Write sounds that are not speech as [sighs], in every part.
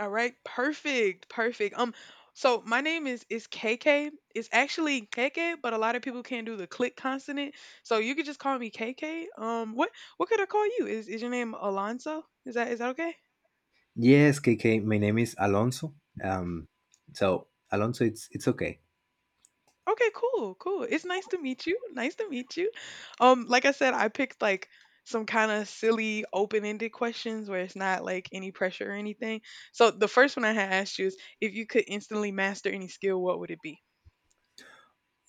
All right, perfect, perfect. So my name is KK. It's actually KK, but a lot of people can't do the click consonant, so you could just call me KK. What could I call you? Is your name Alonso? Is that okay? Yes, KK, my name is Alonso. Um, so Alonso, it's okay. Okay, cool, cool. It's nice to meet you. Nice to meet you. Like I said, I picked like some kind of silly open-ended questions where it's not like any pressure or anything. So the first one I had asked you is if you could instantly master any skill, what would it be?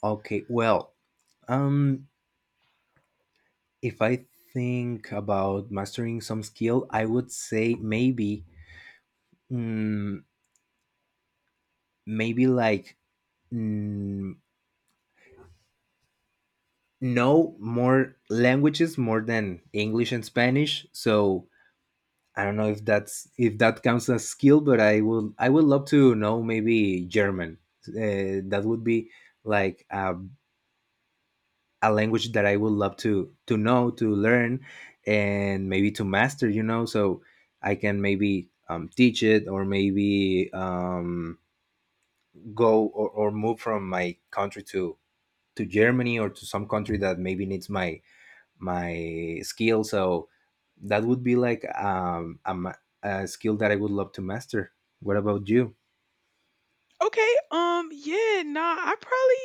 Okay, well, um, if I think about mastering some skill, I would say mm, maybe like mm, know more languages more than English and Spanish. So I don't know if that's if that counts as skill, but I would love to know maybe German. That would be like a language that I would love to know, to learn, and maybe to master. You know, so I can maybe teach it, or maybe go or move from my country to Germany or to some country that maybe needs my my skill. So that would be like a skill that I would love to master. What about you? Okay, yeah, nah, I probably,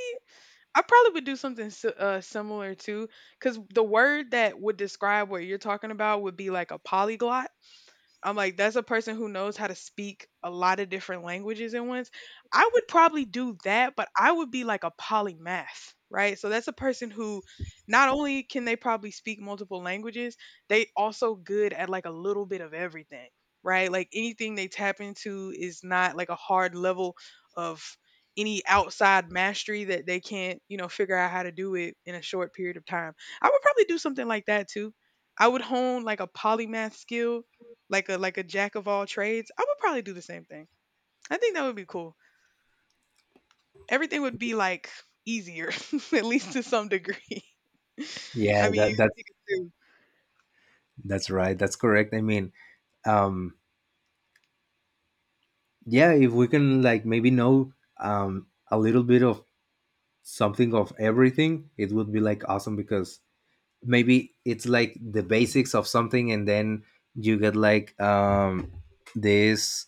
I probably would do something similar too, because the word that would describe what you're talking about would be like a polyglot. I'm like, that's a person who knows how to speak a lot of different languages at once. I would probably do that, but I would be like a polymath, right? So that's a person who not only can they probably speak multiple languages, they also good at like a little bit of everything, right? Like anything they tap into is not like a hard level of any outside mastery that they can't, figure out how to do it in a short period of time. I would probably do something like that too. I would hone like a polymath skill like a jack of all trades, I would probably do the same thing. I think that would be cool. Everything would be like easier, [laughs] at least to some degree. [laughs] Yeah, I mean, that you that's could do. that's right. That's correct. I mean, um, yeah, if we can like maybe know a little bit of something of everything, it would be like awesome because maybe it's like the basics of something and then you get like this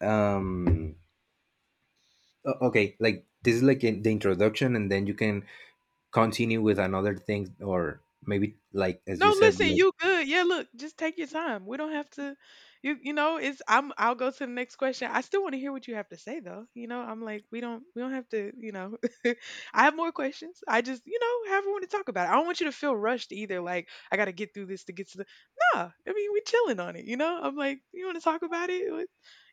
um okay, like this is like in the introduction and then you can continue with another thing or maybe like as you No, said listen, like you good. Yeah, look, just take your time. We don't have to. It's I'm I'll go to the next question. I still want to hear what you have to say though. You know, I'm like, we don't have to. [laughs] I have more questions. I just, have want to talk about it. I don't want you to feel rushed either, like I gotta get through this to get to the. Nah. I mean we chilling on it, you know? I'm like, you wanna talk about it? Like,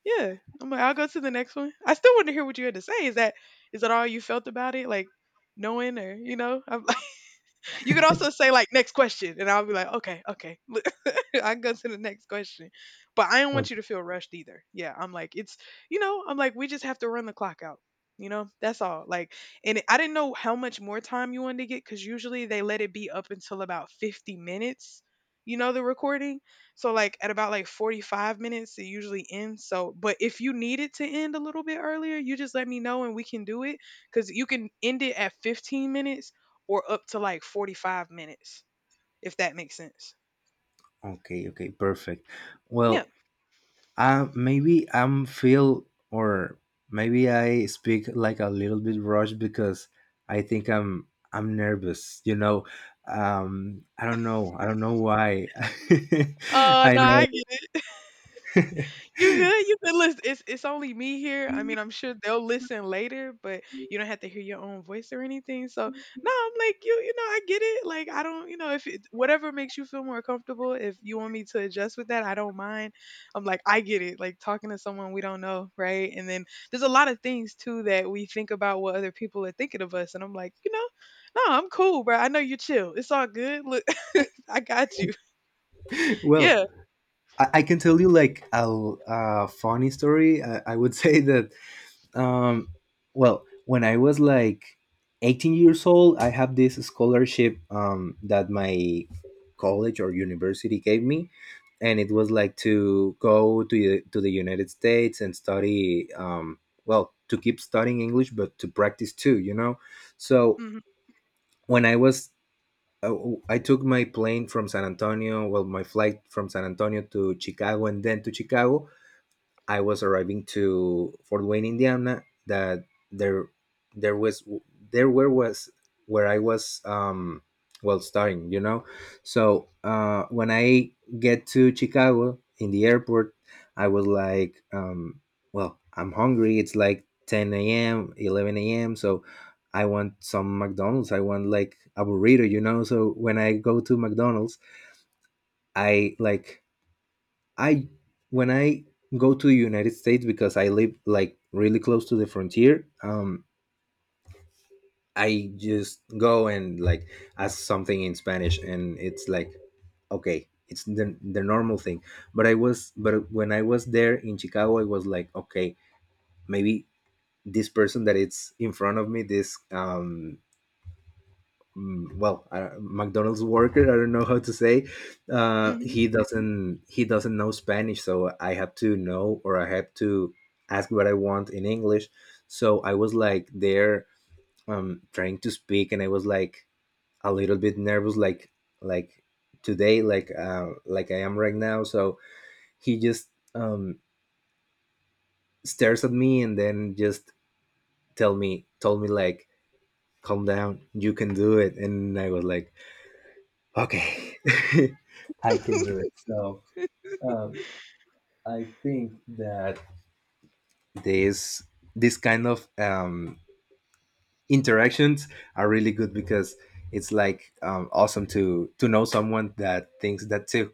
yeah. I'm like, I'll go to the next one. I still want to hear what you had to say. Is that all you felt about it? Like knowing or you know? I'm you could also say like next question, and I'll be like, okay, okay, [laughs] I can go to the next question. But I don't want you okay. to feel rushed either. Yeah, I'm like it's you know I'm like we just have to run the clock out. You know that's all. Like, and I didn't know how much more time you wanted to get because usually they let it be up until about 50 minutes. You know the recording. So like at about like 45 minutes it usually ends. So but if you need it to end a little bit earlier, you just let me know and we can do it cuz you can end it at 15 minutes or up to like 45 minutes, if that makes sense. Okay, okay, perfect. Yeah. Well, maybe I'm feel or maybe I speak like a little bit rushed because I think I'm nervous. You know, I don't know. I don't know why. [laughs] I No, know. I get. You good? You good? Listen, it's only me here. I mean, I'm sure they'll listen later, but you don't have to hear your own voice or anything. So no, I'm like you. You know, I get it. Like I don't. You know, if it, whatever makes you feel more comfortable, if you want me to adjust with that, I don't mind. I'm like I get it. Like talking to someone we don't know, right? And then there's a lot of things too that we think about what other people are thinking of us, and I'm like, no, I'm cool, bro. I know you chill. It's all good. Look, [laughs] I got you. [laughs] Well, Yeah. I can tell you like a funny story. I would [laughs] say that um well, when I was like 18 years old, I have this scholarship that my college or university gave me, and it was like to go to the united states and study, to keep studying english, but to practice too, you know. So when I was uh, I took my plane from san antonio, well, my flight from san antonio to chicago, and then to chicago I was arriving to Fort Wayne, Indiana. That there there was there where was Where I was well, starting, you know. So when I get to Chicago in the airport, I was like, well, I'm hungry. It's like 10 a.m., 11 a.m. So I want some McDonald's. I want like a burrito, you know. So when I go to McDonald's, I like I when I go to the United States because I live like really close to the frontier, I just go and like ask something in Spanish, and it's like okay, it's the normal thing. But when I was there in Chicago, I was like okay, maybe this person that it's in front of me, this mcdonald's worker, I don't know how to say. uh, Hmm. he doesn't he doesn't know spanish, so I had to know or I had to ask what I want in english. So I was like there trying to speak, and I was like a little bit nervous, like today, like I am right now. So he just um, stares at me and then just tell me told me like calm down, you can do it. And I was like Okay. [laughs] I can do it. So um, I think that this this kind of interactions are really good because it's like awesome to know someone that thinks that too.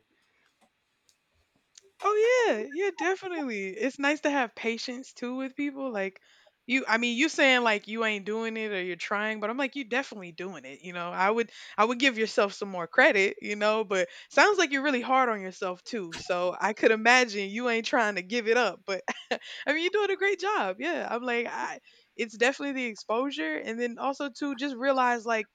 Oh yeah, yeah, definitely. It's nice to have patience too with people. Like you, I mean, you saying like you ain't doing it or you're trying, but I'm like you definitely doing it. You know, I would give yourself some more credit. You know, but sounds like you're really hard on yourself too. So I could imagine you ain't trying to give it up, but [laughs] I mean, you're doing a great job. Yeah, I'm like, it's definitely the exposure, and then also to just realize like.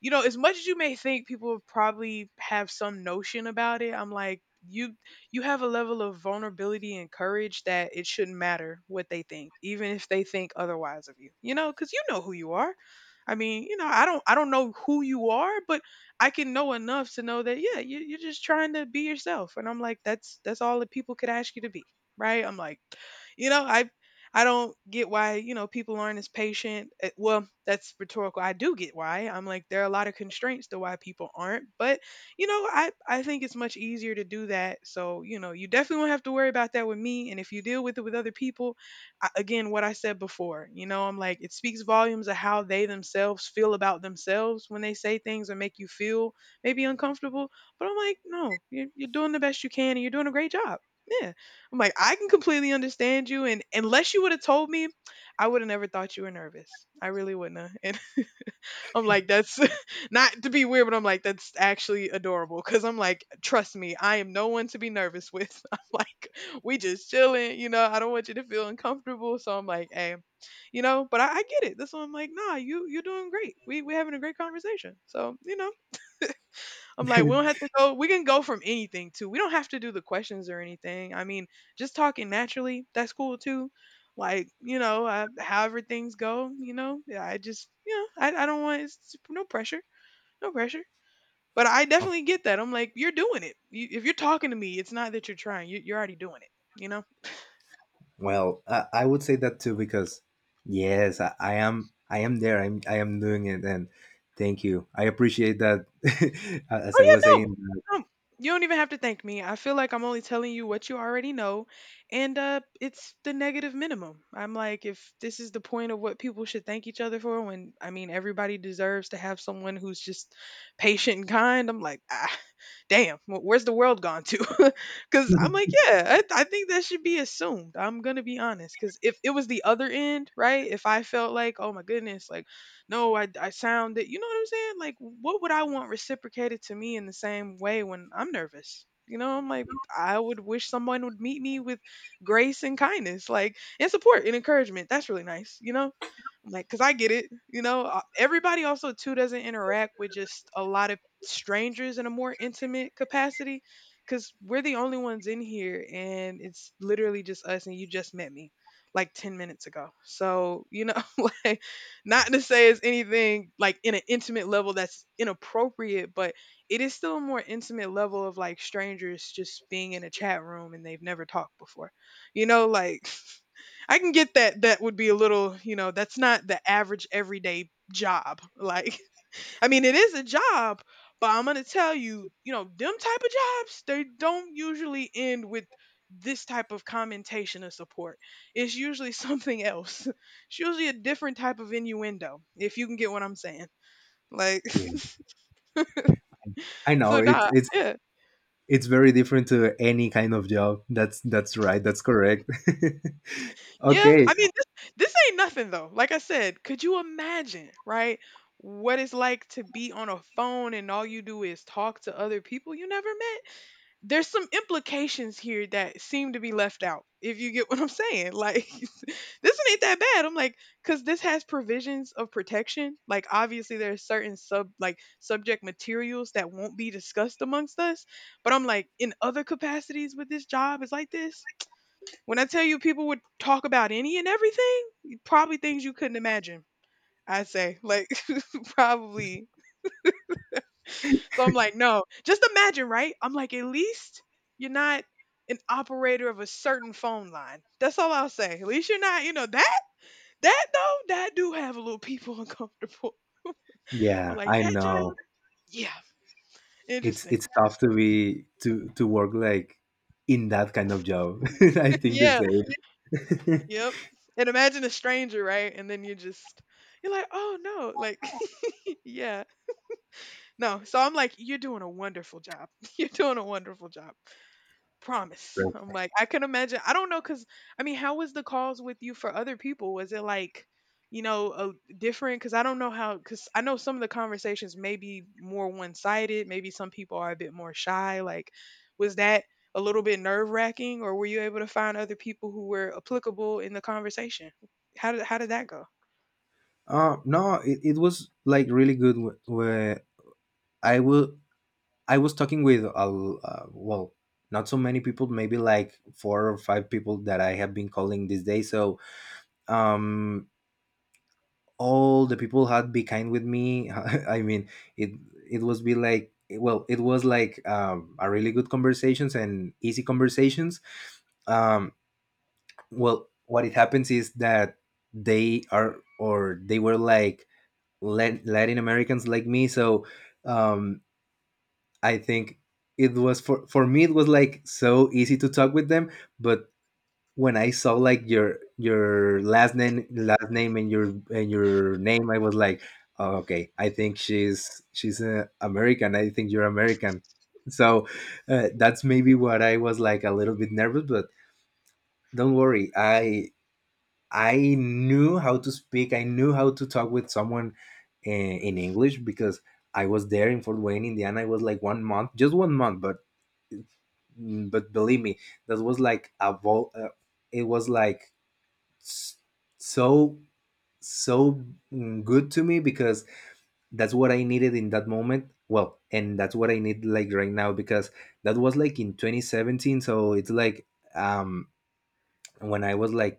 You know, as much as you may think people probably have some notion about it, I'm like, you have a level of vulnerability and courage that it shouldn't matter what they think, even if they think otherwise of you. You know, because you know who you are. I mean, you know, I don't know who you are, but I can know enough to know that, yeah, you're just trying to be yourself. And I'm like, that's all that people could ask you to be, right? I'm like, you know, I, I don't get why you know people aren't as patient. Well, that's rhetorical. I do get why. I'm like, there are a lot of constraints to why people aren't, but I think it's much easier to do that. So you definitely won't have to worry about that with me. And if you deal with it with other people, I, again, what I said before, I'm like it speaks volumes of how they themselves feel about themselves when they say things that make you feel maybe uncomfortable. But I'm like, no, you're doing the best you can, and you're doing a great job. Yeah, I'm like I can completely understand you, and unless you would have told me, I would have never thought you were nervous. I really wouldn't have. [laughs] I'm like, that's [laughs] not to be weird, but I'm like, that's actually adorable. Cause I'm like, trust me, I am no one to be nervous with. [laughs] I'm like, we just chilling, I don't want you to feel uncomfortable. So I'm like, hey, but I get it. That's why I'm like, nah, you're doing great. We having a great conversation. So, I'm like, we don't have to go we can go from anything too. We don't have to do the questions or anything. I mean, just talking naturally, that's cool too. Like, I, however things go, yeah, I just, I don't want it's no pressure. No pressure. But I Okay. definitely get that. I'm like, you're doing it. You, if you're talking to me, it's not that you're trying. You're already doing it. You know. Well, I would say that too because yes, I am I am there. I am doing it, and thank you. I appreciate that. [laughs] As Oh I was yeah, no, saying, no, you don't even have to thank me. I feel like I'm only telling you what you already know, and it's the negative minimum. I'm like, if this is the point of what people should thank each other for, when I mean everybody deserves to have someone who's just patient and kind. I'm like, ah, damn, where's the world gone to? [laughs] Because I'm like, yeah, I think that should be assumed. I'm gonna be honest, because if it was the other end, right? If I felt like, oh my goodness, like no, I sound it. You know what I'm saying? Like, what would I want reciprocated to me in the same way when I'm nervous? You know, I'm like, I would wish someone would meet me with grace and kindness, like, and support and encouragement. That's really nice, you know? I'm like, because I get it. You know, everybody also, too, doesn't interact with just a lot of strangers in a more intimate capacity because we're the only ones in here and it's literally just us and you just met me like 10 minutes ago. So, [laughs] like, not to say it's anything like in an intimate level that's inappropriate, but it is still a more intimate level of like strangers just being in a chat room and they've never talked before. You know, like [laughs] I can get that that would be a little, that's not the average everyday job. Like I mean, it is a job, but I'm gonna tell you, them type of jobs, they don't usually end with this type of commentation or support. It's usually something else. [laughs] It's usually a different type of innuendo, if you can get what I'm saying. Like, yeah, [laughs] I know so nah, yeah, it's very different to any kind of job. That's right. That's correct. [laughs] yeah. Okay. I mean, this ain't nothing though. Like I said, could you imagine, right? What it's like to be on a phone and all you do is talk to other people you never met? There's some implications here that seem to be left out, if you get [laughs] what I'm saying, like, [laughs] this one ain't that bad. I'm like, because this has provisions of protection, like obviously there are certain subject materials that won't be discussed amongst us. But I'm like, in other capacities with this job, is like this. When I tell you, people would talk about any and everything. Probably things you couldn't imagine. I'd say, like, [laughs] probably. So I'm like, no. Just imagine, right? I'm like, at least you're not an operator of a certain phone line. That's all I'll say. At least you're not, that though, that do have a little people [laughs] uncomfortable. Yeah, I'm like, I that job? know. Yeah. Interesting. It's tough to be to work like in that kind of job. [laughs] I think the [laughs] Yeah. same. [laughs] Yep. And imagine a stranger, right? And then you just, you're like, oh no, like, [laughs] yeah. No. So I'm like, you're doing a wonderful job. [laughs] You're doing a wonderful job. Promise. I'm Right. like, I can imagine. I don't know, cause I mean, how was the calls with you for other people? Was it like, a different? Cause I don't know how. Cause I know some of the conversations may be more one sided. Maybe some people are a bit more shy. Like, was that a little bit nerve wracking, or were you able to find other people who were applicable in the conversation? How did that go? No, it was like really good. Wh- Where I will I was talking with well, not so many people. Maybe like four or five people that I have been calling this day. So um all the people had be kind with me. [laughs] I mean, it it was like a really good conversations and easy conversations. um well, what it happens is that they are or they were like latin americans like me. So um I think it was, for me it was like so easy to talk with them. But when I saw like your last name and your name, I was like, oh, okay, I think she's American. I think you're American. So that's maybe what I was like a little bit nervous, but don't worry. I knew how to speak. I knew how to talk with someone in English because I was there in Fort Wayne, Indiana. I was like one month, just one month, but believe me, that was like a vol. It was like s- so so good to me because that's what I needed in that moment. Well, and that's what I need like right now, because that was like in 2017. So it's like um when I was like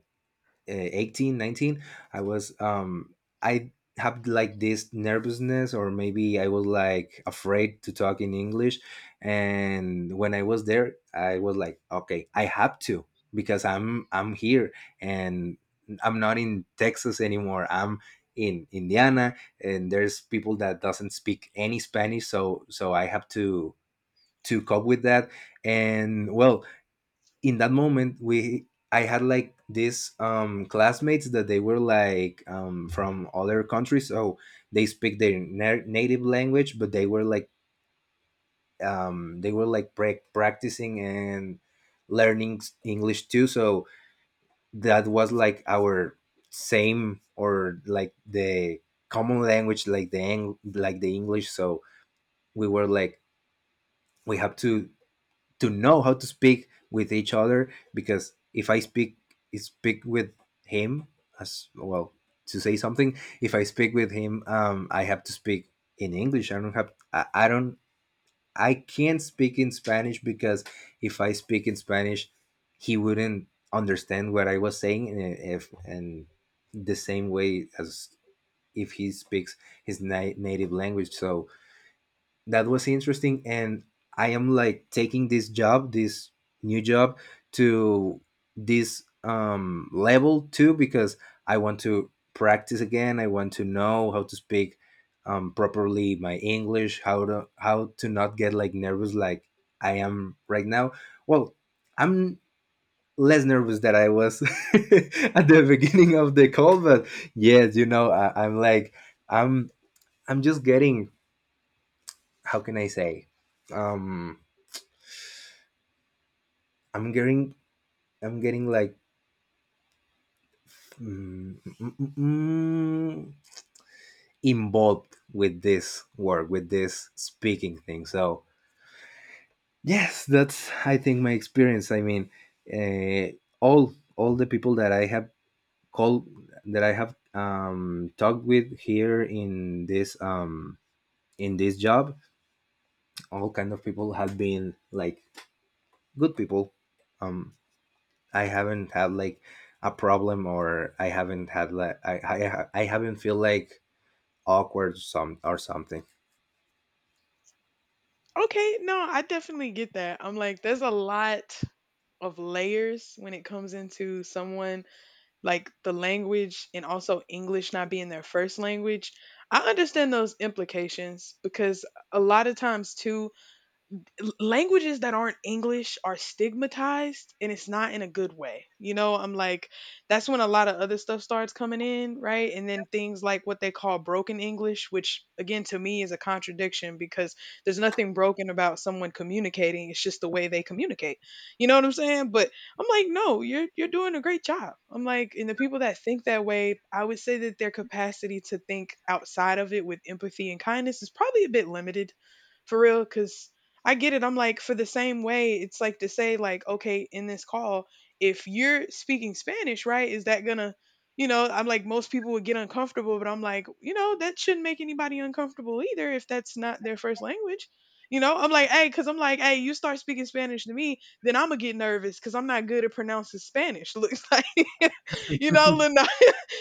18, 19. I was I have like this nervousness, or maybe I was like afraid to talk in english. And when I was there, I was like okay, I have to, because I'm here, and I'm not in texas anymore. I'm in indiana, and there's people that doesn't speak any spanish, so I have to cope with that. And well, in that moment we I had like these classmates that they were like from other countries, so they speak their native language, but they were like practicing and learning english too. So that was like our same or like the common language, like the like the english. So we were like we have to know how to speak with each other because if I speak speak with him, as well, to say something, if I speak with him, I have to speak in English. I don't have I don't I can't speak in Spanish because if I speak in Spanish, he wouldn't understand what I was saying, and if and the same way as if he speaks his native language. So that was interesting. And I am like taking this job, this new job, to this level too, because I want to practice again. I want to know how to speak properly my english, how to not get like nervous like I am right now. Well, I'm less nervous than I was [laughs] at the beginning of the call, but yes, you know, I'm like i'm I'm just getting, how can I say? Um, I'm getting I'm getting like mm, mm, mm, mm, involved with this work, with this speaking thing. So yes, that's I think my experience. I mean, uh, all the people that I have called, that I have talked with here in this job, all kind of people have been like good people. Um, I haven't had like a problem, or I haven't had like I haven't feel like awkward some or something. Okay, no, I definitely get that. I'm like, there's a lot of layers when it comes into someone, like the language and also English not being their first language. I understand those implications because a lot of times too, languages that aren't English are stigmatized and it's not in a good way. You know, I'm like, that's when a lot of other stuff starts coming in, right? And then things like what they call broken English, which again to me is a contradiction because there's nothing broken about someone communicating. It's just the way they communicate. You know what I'm saying? But I'm like, no, you're doing a great job. I'm like, and the people that think that way, I would say that their capacity to think outside of it with empathy and kindness is probably a bit limited, for real, because I get it. I'm like, for the same way, it's like to say, like, okay, in this call, if you're speaking Spanish, right, is that gonna, I'm like, most people would get uncomfortable, but I'm like, that shouldn't make anybody uncomfortable either if that's not their first language. You know, I'm like, hey, because I'm like, hey, you start speaking Spanish to me, then I'm gonna get nervous because I'm not good at pronouncing Spanish. [laughs] Looks like, little,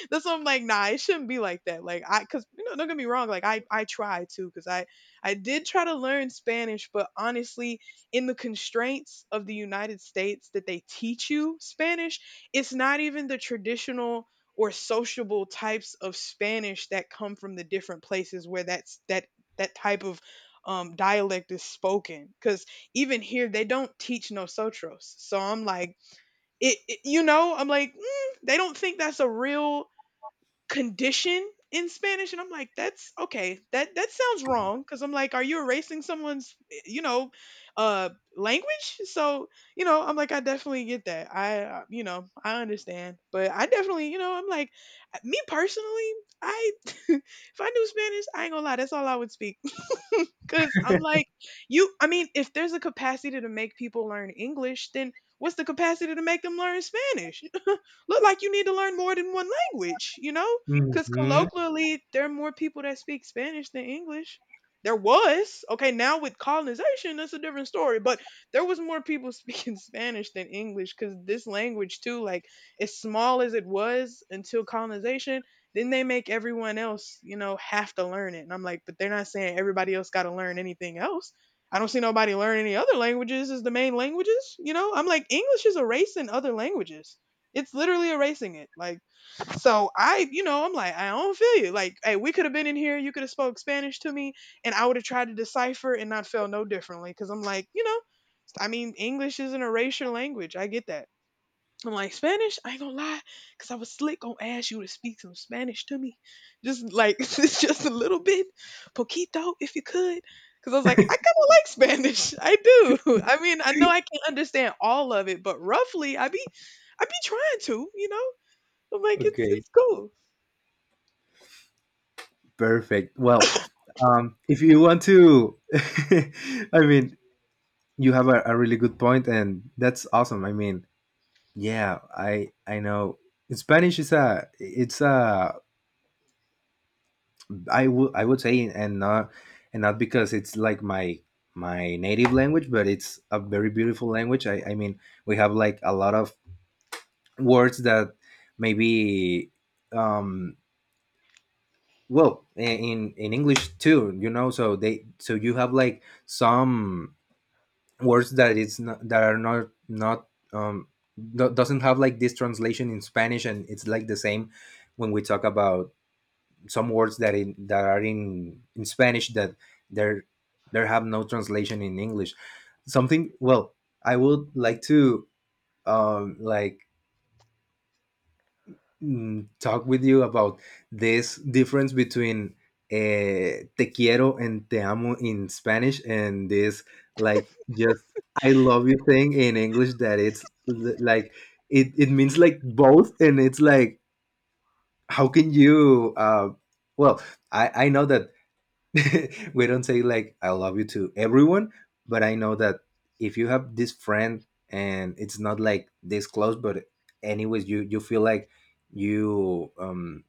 that's why I'm like, nah, it shouldn't be like that. Like I, cause don't get me wrong. Like I tried to, cause I did try to learn Spanish, but honestly, in the constraints of the United States that they teach you Spanish, it's not even the traditional or sociable types of Spanish that come from the different places where that's that type of dialect is spoken. Cause even here they don't teach no sotros. So I'm like, I'm like, they don't think that's a real condition in Spanish. And I'm like, that's okay, that that sounds wrong, cuz I'm like, are you erasing someone's you know uh language? So you know, I'm like, I definitely get that. I I understand, but I definitely I'm like, me personally, I [laughs] if I knew Spanish, I ain't going to lie, that's all I would speak. [laughs] Cuz I'm like, you I mean, if there's a capacity to make people learn English, then what's the capacity to make them learn Spanish, look like you need to learn more than one language, you know? Because Hmm. colloquially, there are more people that speak Spanish than English. There was. Okay, now with colonization, that's a different story. But there was more people [laughs] speaking Spanish than English, because this language, too, like as small as it was until colonization, then they make everyone else, have to learn it. And I'm like, but they're not saying everybody else got to learn anything else. I don't see nobody learn any other languages as the main languages. You know, I'm like, English is a race in other languages. It's literally erasing it. Like, so I, I'm like, I don't feel you. Like, hey, we could have been in here. You could have spoke Spanish to me, and I would have tried to decipher and not feel no differently. Because I'm like, I mean, English is an erasure language. I get that. I'm like, Spanish, I ain't gonna lie, cause I was slick gonna ask you to speak some Spanish to me, just like, [laughs] it's just a little bit, poquito, if you could. Cause I was like, I kind of like Spanish. I do. [laughs] I mean, I know I can't understand all of it, but roughly, I be trying to, you know. I'm like, it's Okay. it's cool. Perfect. Well, if you want to, [laughs] I mean, you have a really good point, and that's awesome. I mean, yeah, I know Spanish is a it's a I would say, and not, and not because it's like my native language, but it's a very beautiful language. I mean, we have like a lot of words that maybe um in English too, you know, so they so you have like some words that it's not that are not doesn't have like this translation in Spanish, and it's like the same when we talk about some words that in that are in Spanish that there there have no translation in English. Something, well, I would like to um like talk with you about this difference between te quiero and te amo in Spanish, and this like just I love you thing in English, that it's like it means like both, and it's like how can you well I know that [laughs] we don't say like I love you to everyone, but I know that if you have this friend and it's not like this close, but anyways, you feel like you um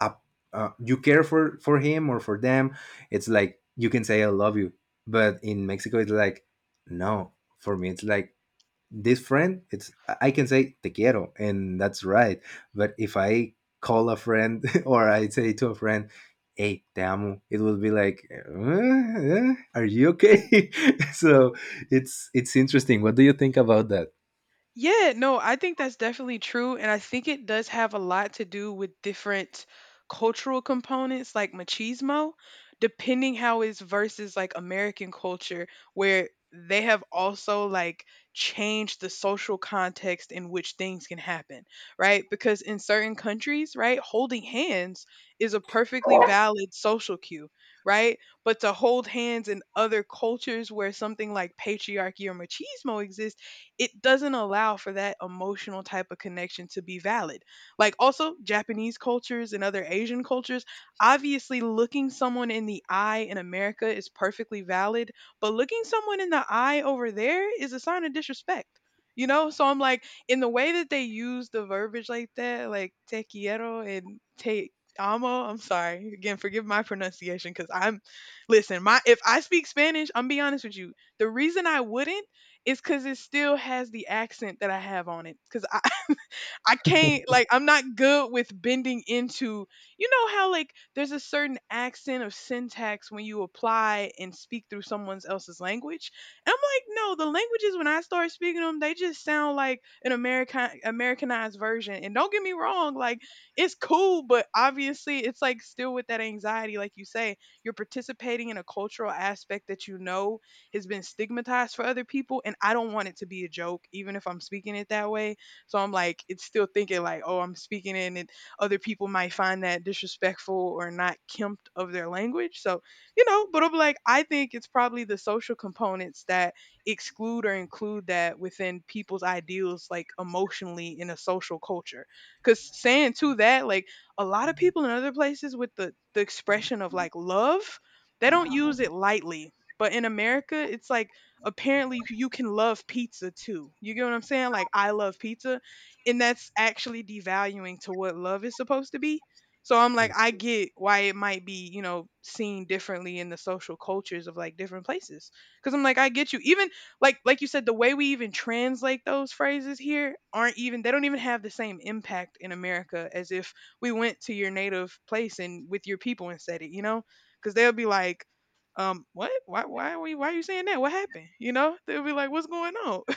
up, you care for him or for them. It's like you can say I love you, but in Mexico it's like no. For me, it's like this friend it's I can say te quiero and that's right, but if I call a friend [laughs] or I say to a friend, "Hey, te amo," it will be like, "Uh, are you okay?" [laughs] So it's interesting. What do you think about that? Yeah, no, I think that's definitely true. And I think it does have a lot to do with different cultural components like machismo, depending how it's versus like American culture, where they have also like changed the social context in which things can happen, right? Because in certain countries, right, holding hands is a perfectly valid social cue, right? But to hold hands in other cultures where something like patriarchy or machismo exists, it doesn't allow for that emotional type of connection to be valid. Like also Japanese cultures and other Asian cultures, obviously looking someone in the eye in America is perfectly valid, but looking someone in the eye over there is a sign of disrespect. You know, so I'm like, in the way that they use the verbiage like that, like te quiero and te amo. I'm sorry again, forgive my pronunciation, because I'm listen. My if I speak Spanish, I'm be honest with you. The reason I wouldn't, it's because it still has the accent that I have on it, 'cause I can't, like I'm not good with bending into, you know how, like there's a certain accent of syntax when you apply and speak through someone else's language. And I'm like, no, the languages when I start speaking them, they just sound like an Americanized version. And don't get me wrong, like it's cool, but obviously it's like still with that anxiety, like you say, you're participating in a cultural aspect that you know has been stigmatized for other people. And I don't want it to be a joke, even if I'm speaking it that way. So I'm like, it's still thinking like, oh, I'm speaking in it. Other people might find that disrespectful or not kempt of their language. So, but I'm like, I think it's probably the social components that exclude or include that within people's ideals, like emotionally in a social culture. Cause saying to that, like a lot of people in other places with the expression of like love, they don't use it lightly. But in America, it's like apparently you can love pizza too. You get what I'm saying? Like I love pizza, and that's actually devaluing to what love is supposed to be. So I'm like, I get why it might be, seen differently in the social cultures of like different places. Cuz I'm like, I get you. Even like you said, the way we even translate those phrases here aren't even, they don't even have the same impact in America as if we went to your native place and with your people and said it, you know? Cuz they'll be like, what? Why? Why are we? Why are you saying that? What happened? You know, they'll be like, what's going on? [laughs]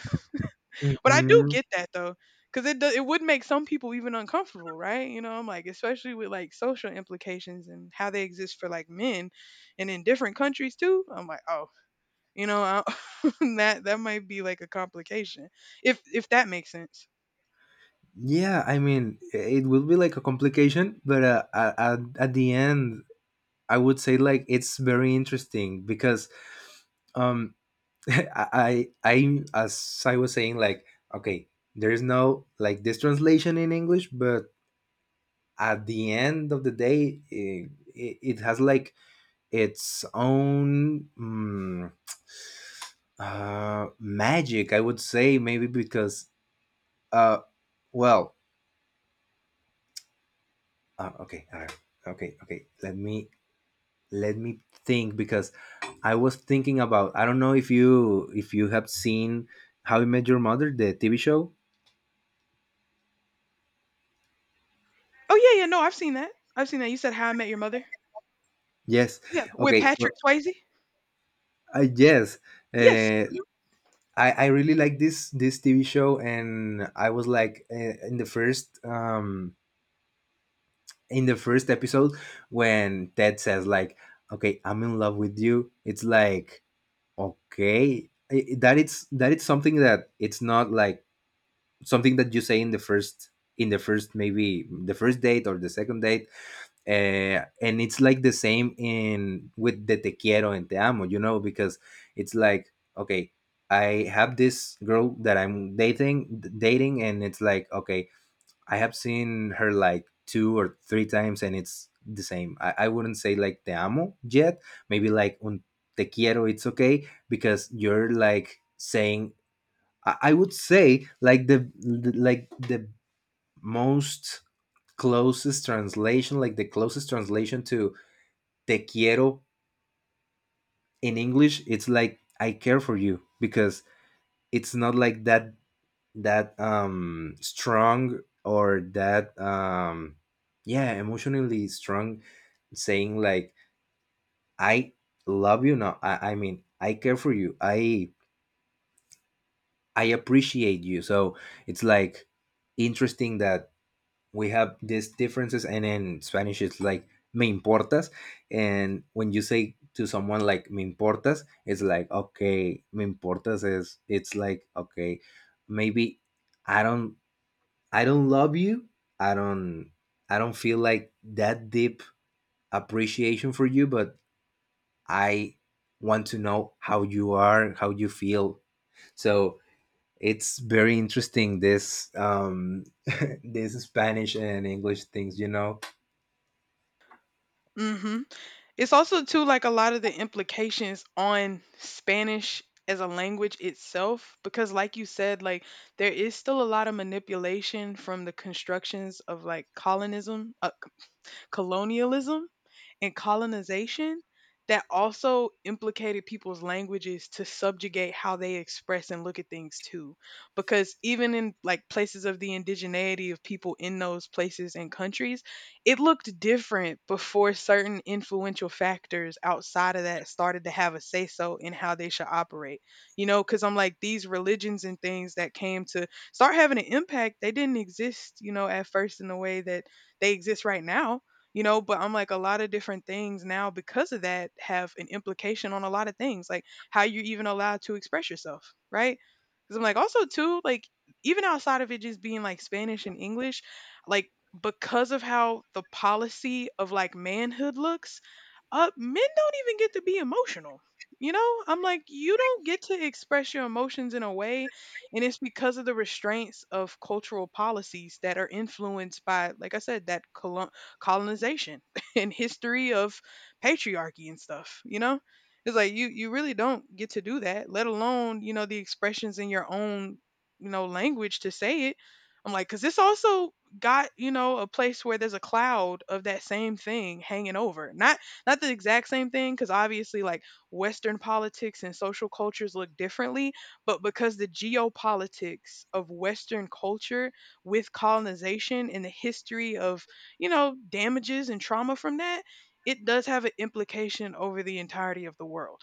But I do Mhm. get that though, because it would make some people even uncomfortable, right? You know, I'm like, especially with like social implications and how they exist for like men, and in different countries too. I'm like, oh, I, [laughs] that might be like a complication. If that makes sense. Yeah, I mean, it will be like a complication, but at the end, I would say like it's very interesting because um, [laughs] I as I was saying, like okay, there is no like this translation in English, but at the end of the day, it has like its own magic, I would say. Maybe because uh, well, uh, okay, uh, okay, okay. Let me let me think, because I was thinking about, I don't know if you have seen How I Met Your Mother, the TV show. Oh yeah, yeah, no, I've seen that. I've seen that. You said How I Met Your Mother? Yes. Yeah, with Okay. Well, Patrick Swayze? I yes. Yes. Uh, I really like this TV show, and I was like in the first episode, when Ted says like, "Okay, I'm in love with you." It's like okay, that it's, that it's something that it's not like something that you say in the first, in the first, maybe the first date or the second date, and it's like the same in with the te quiero and te amo, you know, because it's like okay, I have this girl that I'm dating, and it's like okay, I have seen her like 2 or 3 times, and it's the same. I wouldn't say like te amo yet, maybe like un te quiero, it's okay, because you're like saying, I would say like the most closest translation, like the closest translation to te quiero in English, it's like I care for you, because it's not like that strong or that yeah, emotionally strong, saying like I love you. No, I mean, I care for you. I appreciate you. So it's like interesting that we have these differences, and in Spanish it's like me importas, and when you say to someone like me importas, it's like okay, me importas is it's like okay, maybe I don't I don't love you, I don't I don't feel like that deep appreciation for you, but I want to know how you are, how you feel. So it's very interesting, this [laughs] this Spanish and English things, you know. Mhm. It's also too like a lot of the implications on Spanish as a language itself because like you said like there is still a lot of manipulation from the constructions of like colonism colonialism and colonization that also implicated people's languages to subjugate how they express and look at things too, because even in like places of the indigeneity of people in those places and countries, it looked different before certain influential factors outside of that started to have a say so in how they should operate. You know, because I'm like these religions and things that came to start having an impact, they didn't exist, you know, at first in the way that they exist right now. You know, but I'm like a lot of different things now because of that have an implication on a lot of things, like how you're even allowed to express yourself, right? Because I'm like also too like, even outside of it just being like Spanish and English, like because of how the policy of like manhood looks, men don't even get to be emotional. You know, I'm like you don't get to express your emotions in a way, and it's because of the restraints of cultural policies that are influenced by, like I said, that colonization [laughs] and history of patriarchy and stuff, you know? It's like you really don't get to do that, let alone, you know, the expressions in your own, you know, language to say it. I'm like, cause this also got, you know, a place where there's a cloud of that same thing hanging over. Not the exact same thing, because obviously like Western politics and social cultures look differently, but because the geopolitics of Western culture with colonization and the history of, you know, damages and trauma from that, it does have an implication over the entirety of the world.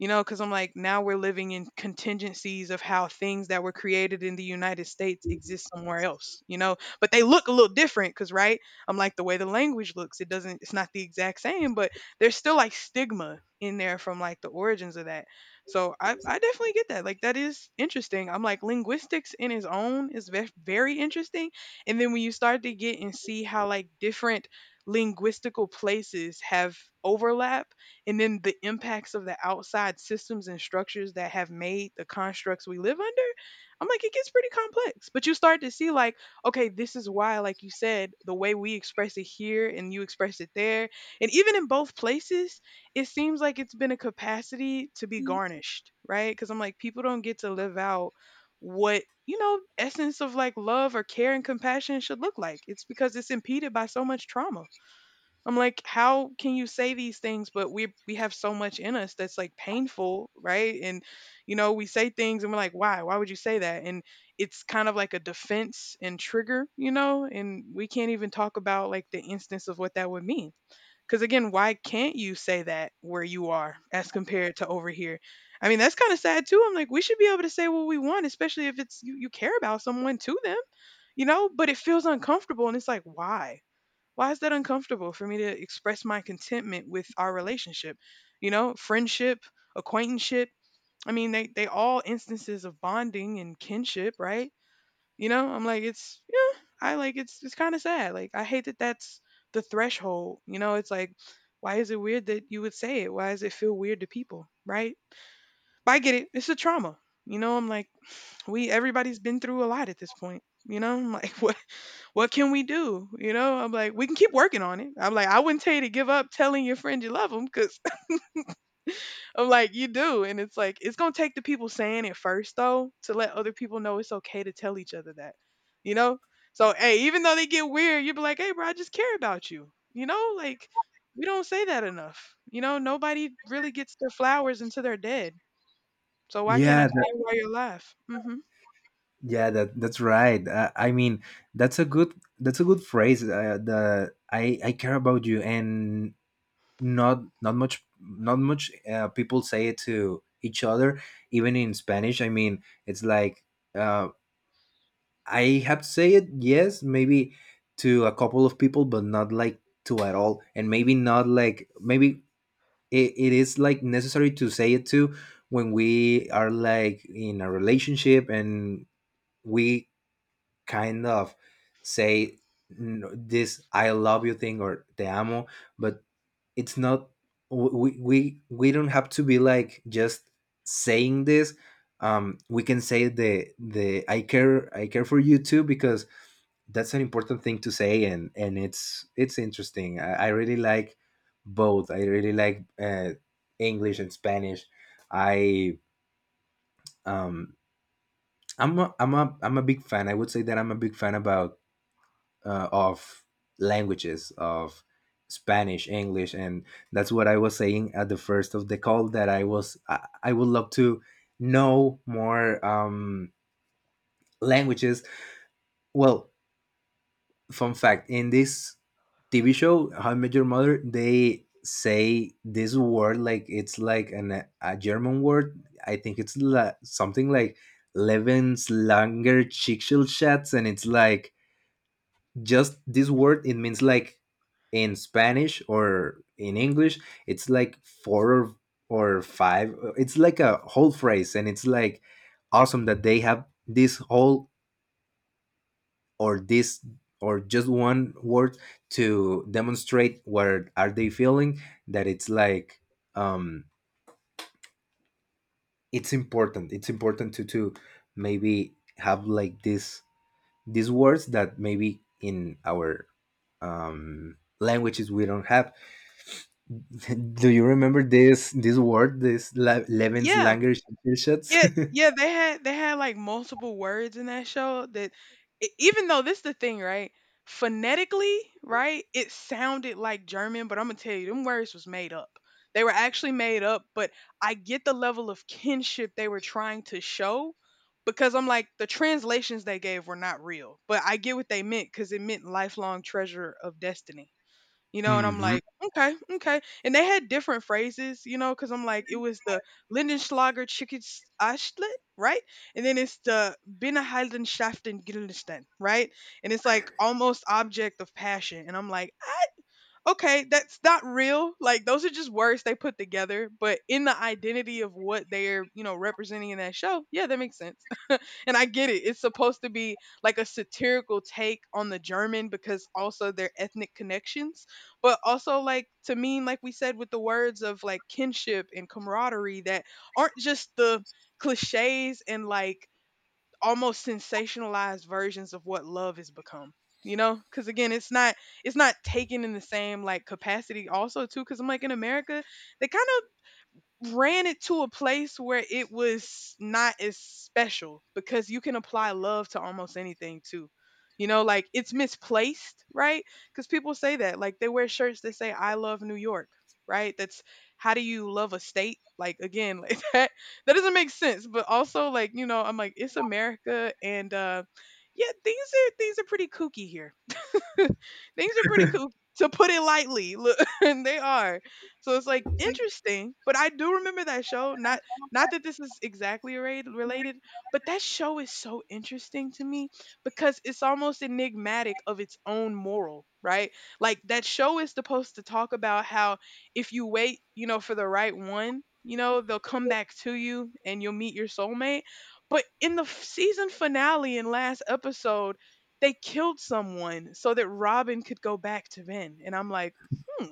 You know, because I'm like, now we're living in contingencies of how things that were created in the United States exist somewhere else, you know, but they look a little different because, right? I'm like, the way the language looks, it doesn't, it's not the exact same, but there's still like stigma in there from like the origins of that. So I definitely get that. Like, that is interesting. I'm like, linguistics in its own is very interesting. And then when you start to get and see how like different linguistical places have overlap, and then the impacts of the outside systems and structures that have made the constructs we live under, I'm like, it gets pretty complex, but you start to see like, okay, this is why, like you said, the way we express it here and you express it there, and even in both places, it seems like it's been a capacity to be garnished, right? Because I'm like people don't get to live out what, you know, essence of like love or care and compassion should look like. It's because it's impeded by so much trauma. I'm like, how can you say these things? But we have so much in us that's like painful, right? And you know, we say things and we're like, why? Why would you say that? And it's kind of like a defense and trigger, you know. And we can't even talk about like the instance of what that would mean. Because again, why can't you say that where you are as compared to over here? I mean, that's kind of sad too. I'm like, we should be able to say what we want, especially if it's you care about someone to them, you know. But it feels uncomfortable, and it's like, why? Why is that uncomfortable for me to express my contentment with our relationship? You know, friendship, acquaintanceship. I mean, they all instances of bonding and kinship, right? You know, I'm like, it's yeah, I like it's kind of sad. Like, I hate that that's the threshold. You know, it's like, why is it weird that you would say it? Why does it feel weird to people, right? But I get it. It's a trauma. You know, I'm like, we everybody's been through a lot at this point. You know, I'm like, [laughs] what can we do? You know, I'm like, we can keep working on it. I'm like, I wouldn't tell you to give up telling your friend you love them, because [laughs] I'm like, you do. And it's like, it's going to take the people saying it first, though, to let other people know it's okay to tell each other that, you know? So, hey, even though they get weird, you'd be like, hey, bro, I just care about you, you know? Like, we don't say that enough. You know, nobody really gets their flowers until they're dead. So, why can't I Yeah, that, tell you why you're alive? Hmm. yeah, that that's right. I mean, that's a good, that's a good phrase. The I care about you, and not much people say it to each other, even in Spanish. I mean, it's like uh, I have to say it. Yes, maybe to a couple of people, but not like to at all, and maybe not like maybe it is like necessary to say it to, when we are like in a relationship and we kind of say this I love you thing or te amo, but it's not, we don't have to be like just saying this. We can say the I care for you too, because that's an important thing to say. And it's interesting. I really like both. I really like English and Spanish. i um I'm a big fan, I would say that I'm a big fan about of languages, of Spanish, English, and that's what I was saying at the first of the call, that I was, I would love to know more languages. Well, fun fact: in this TV show, How I Met Your Mother, they say this word like it's like an, a German word. I think it's something like Levenslanger Schicksalschatz, and it's like just this word, it means like in Spanish or in English, it's like 4 or 5, it's like a whole phrase, and it's like awesome that they have this whole, or this, or just one word to demonstrate what are they feeling. That it's like um it's important, it's important to maybe have like this, these words that maybe in our languages we don't have. [laughs] Do you remember this word, this Levin's Yeah. Langer shots? Yeah, [laughs] yeah, they had like multiple words in that show that, even though, this is the thing, right? Phonetically, right? It sounded like German, but I'm gonna tell you, them words was made up. They were actually made up, but I get the level of kinship they were trying to show, because I'm like the translations they gave were not real, but I get what they meant because it meant lifelong treasure of destiny, you know, and I'm hmm like, okay, okay. And they had different phrases, you know, because I'm like, it was the Lindenschlager chicken Ashlet, right? And then it's the Binnenhaldenschaften Gildenstern, right? And it's like almost object of passion. And I'm like, ah, okay, that's not real. Like those are just words they put together, but in the identity of what they're, you know, representing in that show, yeah, that makes sense and I get it. It's supposed to be like a satirical take on the German because also their ethnic connections, but also like to mean like we said with the words of like kinship and camaraderie that aren't just the clichés and like almost sensationalized versions of what love has become. You know, because again, it's not taken in the same like capacity. Also, too, because I'm like in America, they kind of ran it to a place where it was not as special, because you can apply love to almost anything too. You know, like it's misplaced, right? Because people say that, like they wear shirts that say "I love New York," right? That's how do you love a state? Like again, [laughs] like that that doesn't make sense. But also, like you know, I'm like it's America, and yeah, things are pretty kooky here. [laughs] Things are pretty cool, to put it lightly. Look, [laughs] and they are. So it's like interesting, but I do remember that show. Not not that this is exactly related, but that show is so interesting to me because it's almost enigmatic of its own moral, right? Like that show is supposed to talk about how if you wait, you know, for the right one, you know, they'll come back to you and you'll meet your soulmate. But in the season finale and last episode, they killed someone so that Robin could go back to Ben. And I'm like, hmm,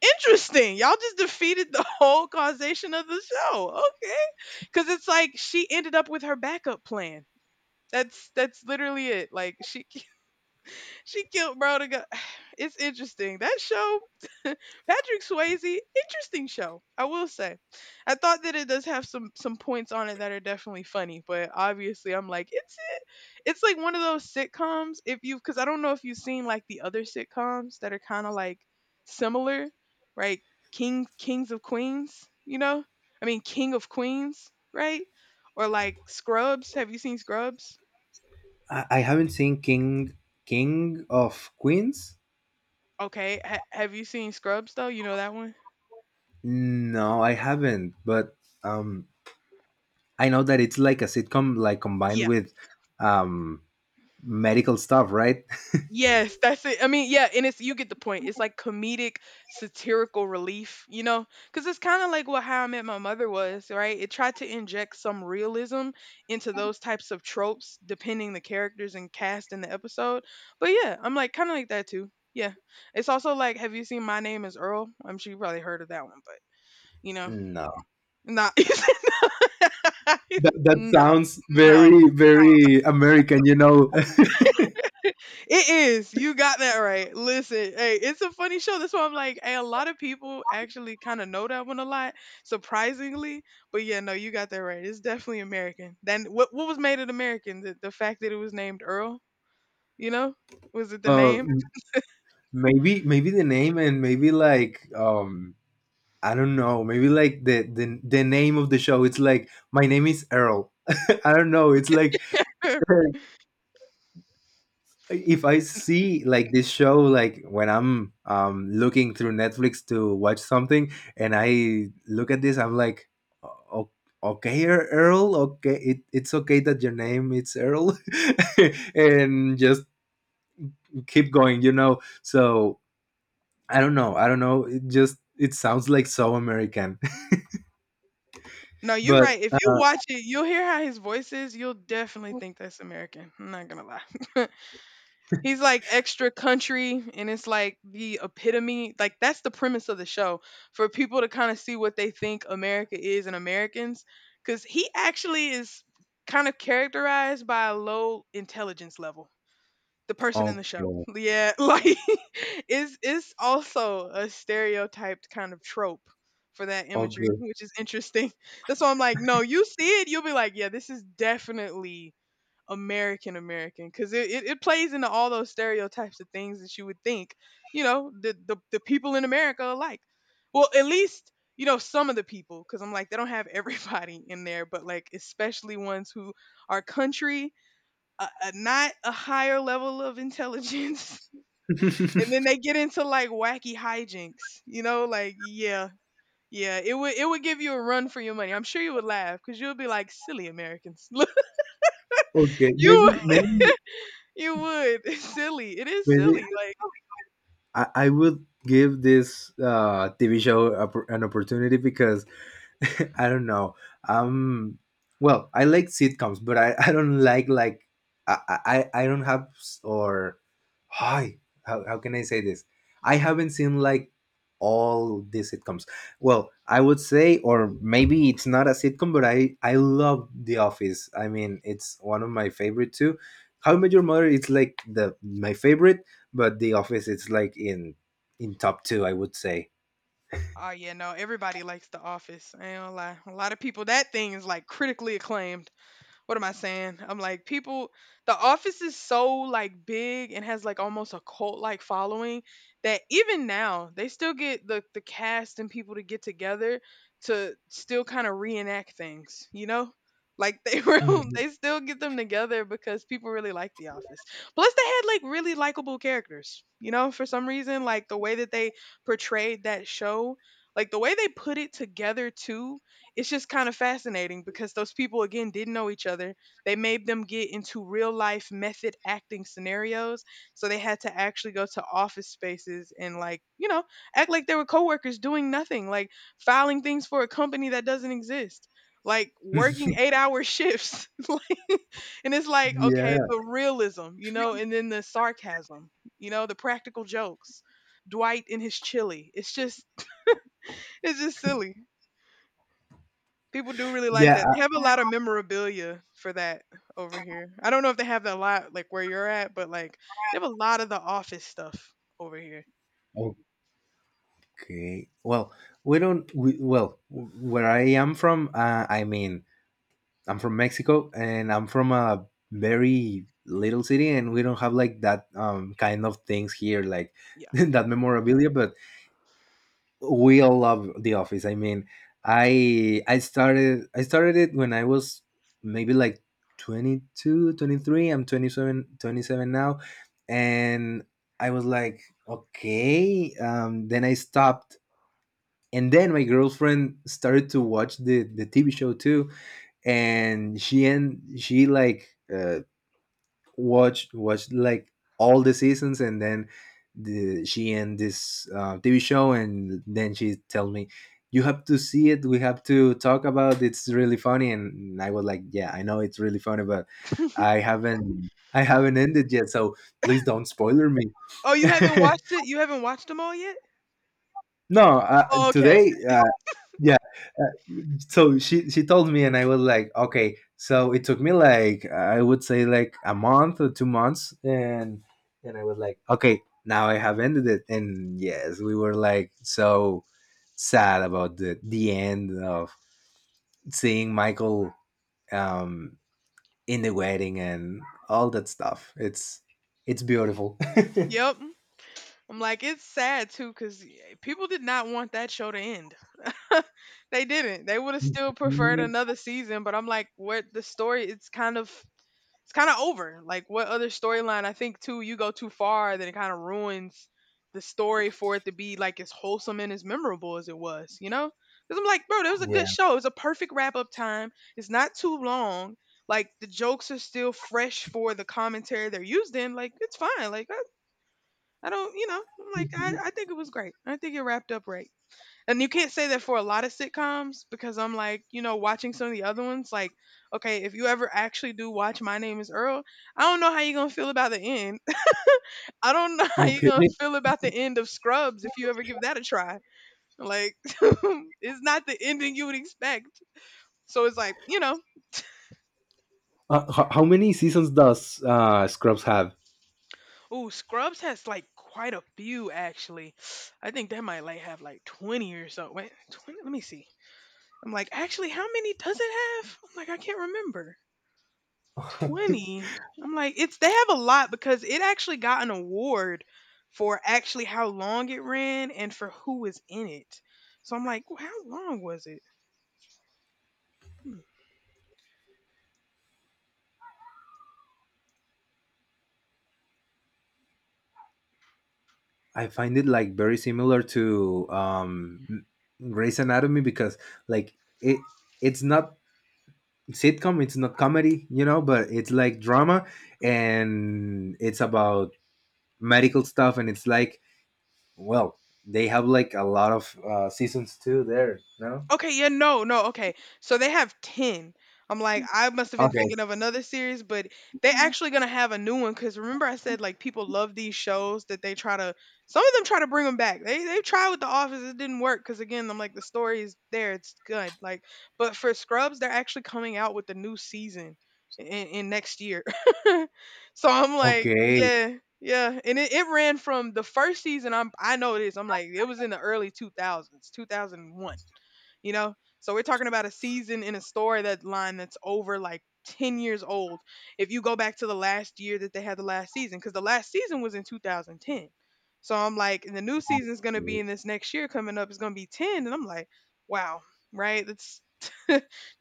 interesting. Y'all just defeated the [laughs] whole causation of the show. Okay. Cause it's like she ended up with her backup plan. That's literally it. Like she killed bro to go. [sighs] It's interesting. That show, [laughs] Patrick Swayze, interesting show. I will say. I thought that it does have some points on it that are definitely funny, but obviously I'm like, it's it. It's like one of those sitcoms if you, because I don't know if you've seen like the other sitcoms that are kind of like similar, right? King Kings of Queens, you know? I mean King of Queens, right? Or like Scrubs. Have you seen Scrubs? I haven't seen King of Queens. Okay. Have you seen Scrubs though? You know that one? No, I haven't. But um, I know that it's like a sitcom, like combined Yeah. with um medical stuff, right? [laughs] Yes, that's it. I mean, yeah, and it's you get the point. It's like comedic, satirical relief, you know? Because it's kind of like what How I Met My Mother was, right? It tried to inject some realism into those types of tropes, depending the characters and cast in the episode. But yeah, I'm like kind of like that too. Yeah, it's also like, have you seen My Name Is Earl? I'm sure you probably heard of that one, but you know, No, not [laughs] that no, sounds no, very very American. You know, [laughs] it is. You got that right. Listen, hey, it's a funny show. That's why I'm like, hey, a lot of people actually kind of know that one a lot, surprisingly. But yeah, no, you got that right. It's definitely American. Then what was made it American? The fact that it was named Earl, you know? Was it the uh, name? maybe the name, and maybe like I don't know. Maybe like the name of the show. It's like my name is Earl. [laughs] I don't know. It's like [laughs] if I see like this show, like when I'm looking through Netflix to watch something, and I look at this, I'm like, "O- okay, Earl. Okay, it, it's okay that your name it's Earl, [laughs] and just keep going. You know. So I don't know. I don't know. It just, it sounds like so American, No, [laughs] you're right. but If you watch it, you'll hear how his voice is. You'll definitely think that's American. I'm not gonna lie. [laughs] He's like extra country and it's like the epitome. Like that's the premise of the show for people to kind of see what they think America is and Americans, cuz he actually is kind of characterized by a low intelligence level. The person in the show. okay. Yeah, [laughs] like it's also a stereotyped kind of trope for that imagery, Okay, which is interesting. That's why I'm like, no, you see it, you'll be like, yeah, this is definitely American because it plays into all those stereotypes of things that you would think, you know, the people in America are like. Well, at least, you know, some of the people, because I'm like, they don't have [laughs] everybody in there, but like, especially ones who are country, not a higher level of intelligence. [laughs] And then they get into like wacky hijinks, you know, like, yeah. Yeah, it would give you a run for your money. I'm sure you would laugh because you'll be like, "Silly Americans, [laughs] look, Okay, maybe you…" maybe You would. [laughs] It's silly. It is maybe silly. Like, I would give this TV show a, an opportunity because [laughs] I don't know. Um, well, I like sitcoms, but I don't like I don't have s- or hi how can I say this? I haven't seen like all the sitcoms. Well, I would say, or maybe it's not a sitcom, but I love The Office. I mean, it's one of my favorite too. How I Met Your Mother, it's like the my favorite, but The Office, it's like in top two, I would say. oh yeah, no, everybody likes The Office. I ain't gonna lie. A lot of people, that thing is like critically acclaimed. What am I saying? I'm like, people, the office is so like big and has like almost a cult like following that even now they still get the cast and people to get together to still kind of reenact things, you know? Like they [laughs] real Mhm. they still get them together because people really like The Office. Plus they had like really likable characters, you know, for some reason, like the way that they portrayed that show, like the way they put it together too, it's just kind of fascinating because those people again didn't know each other. They made them get into real life method acting scenarios, so they had to actually go to office spaces and like, you know, act like they were coworkers doing nothing, like filing things for a company that doesn't exist, like working 8 hour shifts. [laughs] Like, and it's like, okay, Yeah, the realism, you know, and then the sarcasm, you know, the practical jokes. Dwight and his chili. It's just [laughs] it's just silly. People do really like yeah. that. They have a lot of memorabilia for that over here. I don't know if they have that a lot like where you're at, but like they have a lot of the office stuff over here. Okay. Well, we don't. We, well, where I am from, I mean, I'm from Mexico, and I'm from a very little city, and we don't have like that kind of things here, like Yeah. [laughs] that memorabilia. But we all love The Office. I mean, I started, I started it when I was maybe like 22, I'm seven, 27 now, and I was like, okay. Then I stopped, and then my girlfriend started to watch the TV show too, and she like watched like all the seasons, and then the, she and this TV show, and then she tell me, "You have to see it. We have to talk about. It. It's really funny." And I was like, "Yeah, I know it's really funny, but I haven't." I haven't ended yet, so please don't spoiler me. Oh, you haven't [laughs] watched it? You haven't watched them all yet? No, Oh, okay. today, yeah, so she told me, and I was like okay, so it took me like, I would say, like a month or 2 months, and I was like okay, now I have ended it, and yes, we were like so sad about the end of seeing Michael um in the wedding, and all that stuff, it's beautiful. [laughs] Yep. I'm like, it's sad too, because people did not want that show to end. [laughs] They didn't. They would have still preferred Mhm. another season, but I'm like, what the story? It's kind of over. Like what other storyline? I think too, you go too far, then it kind of ruins the story for it to be like as wholesome and as memorable as it was. You know? Because I'm like, bro, that was a good Yeah. show. It's a perfect wrap up time. It's not too long. Like the jokes are still fresh for the commentary they're used in. Like it's fine. I don't, you know, I'm like Mhm. I think it was great. I think it wrapped up right. And you can't say that for a lot of sitcoms because I'm like, you know, watching some of the other ones, like, okay, if you ever actually do watch My Name is Earl, I don't know how you're going to feel about the end. [laughs] I don't know how you're Okay. going to feel about the end of Scrubs if you ever give that a try. Like, [laughs] it's not the ending you would expect. So it's like, you know, How many seasons does Scrubs have? ooh, Scrubs has like quite a few actually. [sighs] I think that might like have like 20 or so. Wait, 20? Let me see. I'm like, actually, how many does it have? I'm like, I can't remember. 20? I'm like, it's they have a lot because it actually got an award for actually how long it ran and for who was in it. So I'm like, "Well, how long was it?" Hmm. I find it like very similar to Grey's Anatomy, because like it, it's not sitcom, it's not comedy, you know, but it's like drama, and it's about medical stuff, and it's like well, they have like a lot of seasons too there, no? Okay, yeah, no, no, okay. So they have 10. I'm like, I must have been Okay. thinking of another series, but they actually gonna have a new one because remember I said like people love these shows that they try to, some of them try to bring them back. They tried with The Office, it didn't work because again, I'm like the story is there, it's good. Like, but for Scrubs, they're actually coming out with the new season in next year. [laughs] So I'm like, Okay. yeah, yeah, and it ran from the first season. I know it is. I'm like it was in the early 2000s, 2001, you know, so we're talking about a season in a story that line that's over like 10 years old if you go back to the last year that they had the last season, because the last season was in 2010. So I'm like, and the new season's going to be in this next year coming up, it's going to be 10, and I'm like, wow. Right? That's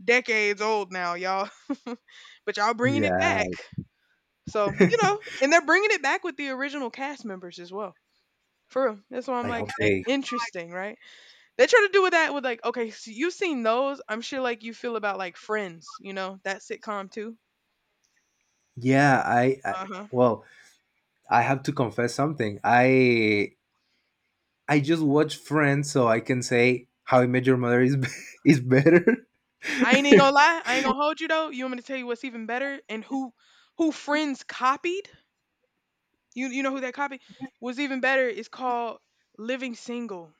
decades old now, y'all. [laughs] But y'all bringing it Yeah, back. So you know, and they're bringing it back with the original cast members as well, for real. That's why I'm I like, hope eh, they. interesting, right? They try to do with that with like, okay, so you've seen those. I'm sure like you feel about like Friends, you know, that sitcom too. Yeah, I Uh huh. well, I have to confess something. I just watch Friends so I can say How I Met Your Mother is be- [laughs] is better. I ain't even gonna [laughs] lie. I ain't gonna hold you though. You want me to tell you what's even better and who Friends copied? You know who that copied? What's even better is called Living Single.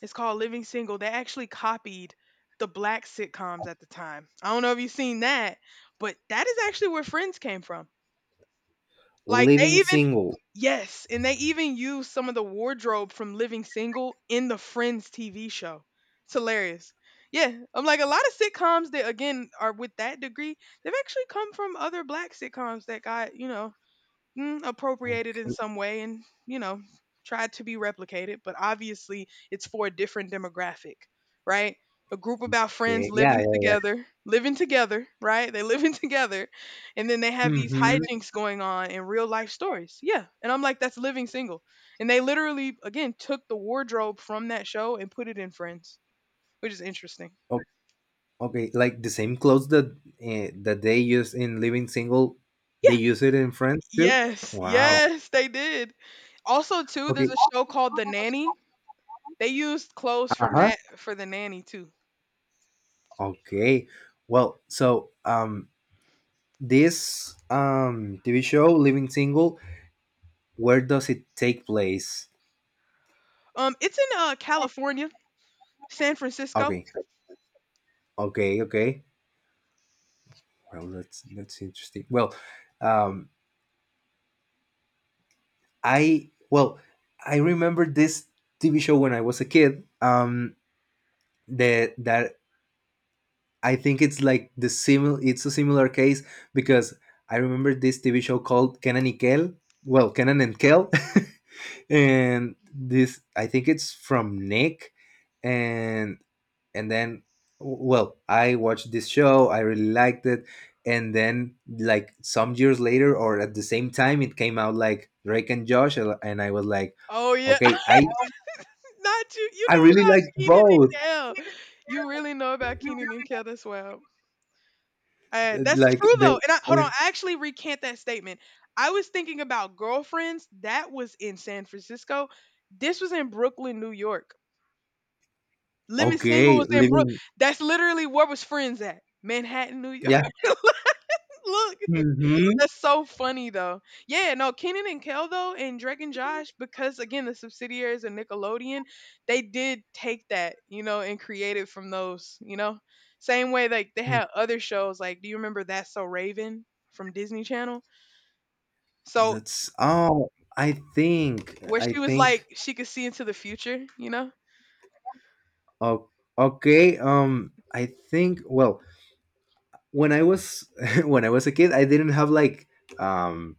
It's called Living Single. They actually copied the black sitcoms at the time. I don't know if you've seen that, but that is actually where Friends came from. Like they Living even, single. yes, and they even use some of the wardrobe from Living Single in the Friends TV show. It's hilarious. Yeah, I'm like, a lot of sitcoms that again are with that degree, they've actually come from other black sitcoms that got, you know, mm, appropriated in some way, and you know, tried to be replicated but obviously it's for a different demographic, right? A group about friends Okay. Yeah, yeah, yeah. Living together, right? They living [laughs] together, and then they have these Mm-hmm. hijinks going on in real life stories, yeah, and I'm like, that's Living Single. And they literally again took the wardrobe from that show and put it in Friends, which is interesting. Okay, like the same clothes that that they use in Living Single, they Yeah. use it in Friends too. yes Wow. yes they did. Also too, there's Okay. a show called The Nanny. They used clothes Uh from huh. that for The Nanny too. Okay. Well, so this TV show Living Single, where does it take place? It's in uh, California, San Francisco. Okay. Okay. Okay. Well, that's interesting. Well, um, I well, I remember this TV show when I was a kid. That I think it's like the similar. It's a similar case, because I remember this TV show called Kenan y Kel. Well, Kenan and Kel, [laughs] and this I think it's from Nick, and then well, I watched this show, I really liked it, and then like some years later, or at the same time, it came out like Drake and Josh, and I was like Oh yeah, okay, i [laughs] not you. You i know really about like Keenan and both, Kel. You really know about Keenan and Kel as well. That's like true though. the And I, hold on, I actually recant that statement. I was thinking about Girlfriends. That was in San Francisco. This was in Brooklyn, New York. Living Single okay, was in Brook… living, That's literally where was Friends at? Manhattan, New York. yeah, [laughs] Look. hmm, That's so funny though. Yeah, no, Kenan and Kel though, and Drake and Josh, because again, the subsidiaries of Nickelodeon, they did take that, you know, and create it from those, you know. Same way like they had other shows, like do you remember That's So Raven from Disney Channel? So that's oh i think where i she was like think she could see into the future, you know? oh, okay, I think, well, when I was [laughs] when I was a kid, I didn't have like um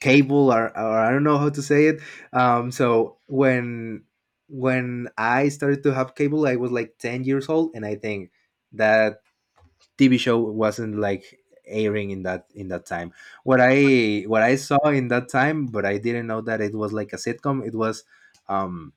cable, or I don't know how to say it. So when I started to have cable, I was like 10 years old, and I think that TV show wasn't like airing in that, in that time. What I saw in that time, but I didn't know that it was like a sitcom, it was um,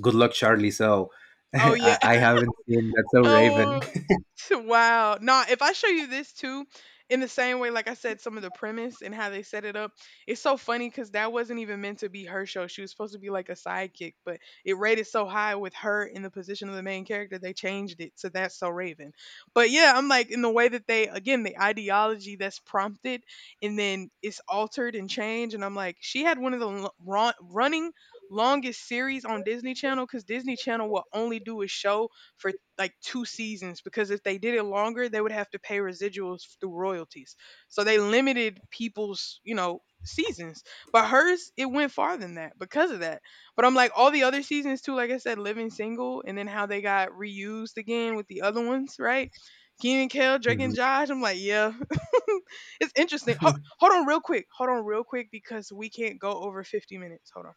Good Luck Charlie. So [laughs] Oh yeah. I haven't seen That's So Raven. Oh, [laughs] wow. Nah, if I show you this too, in the same way, like I said, some of the premise and how they set it up, it's so funny because that wasn't even meant to be her show. She was supposed to be like a sidekick, but it rated so high with her in the position of the main character, they changed it to That's So Raven. But yeah, I'm like, in the way that they, again, the ideology that's prompted and then it's altered and changed. And I'm like, she had one of the running longest series on Disney Channel because Disney Channel will only do a show for like two seasons because if they did it longer, they would have to pay residuals through royalties. So they limited people's, you know, seasons. But hers, it went far than that because of that. But I'm like, all the other seasons too, like I said, Living Single, and then how they got reused again with the other ones, right? Keenan and Kel, Drake and [laughs] Josh. I'm like, yeah. [laughs] It's interesting. Ho- Mhm. hold on real quick. Hold on real quick because we can't go over 50 minutes. Hold on.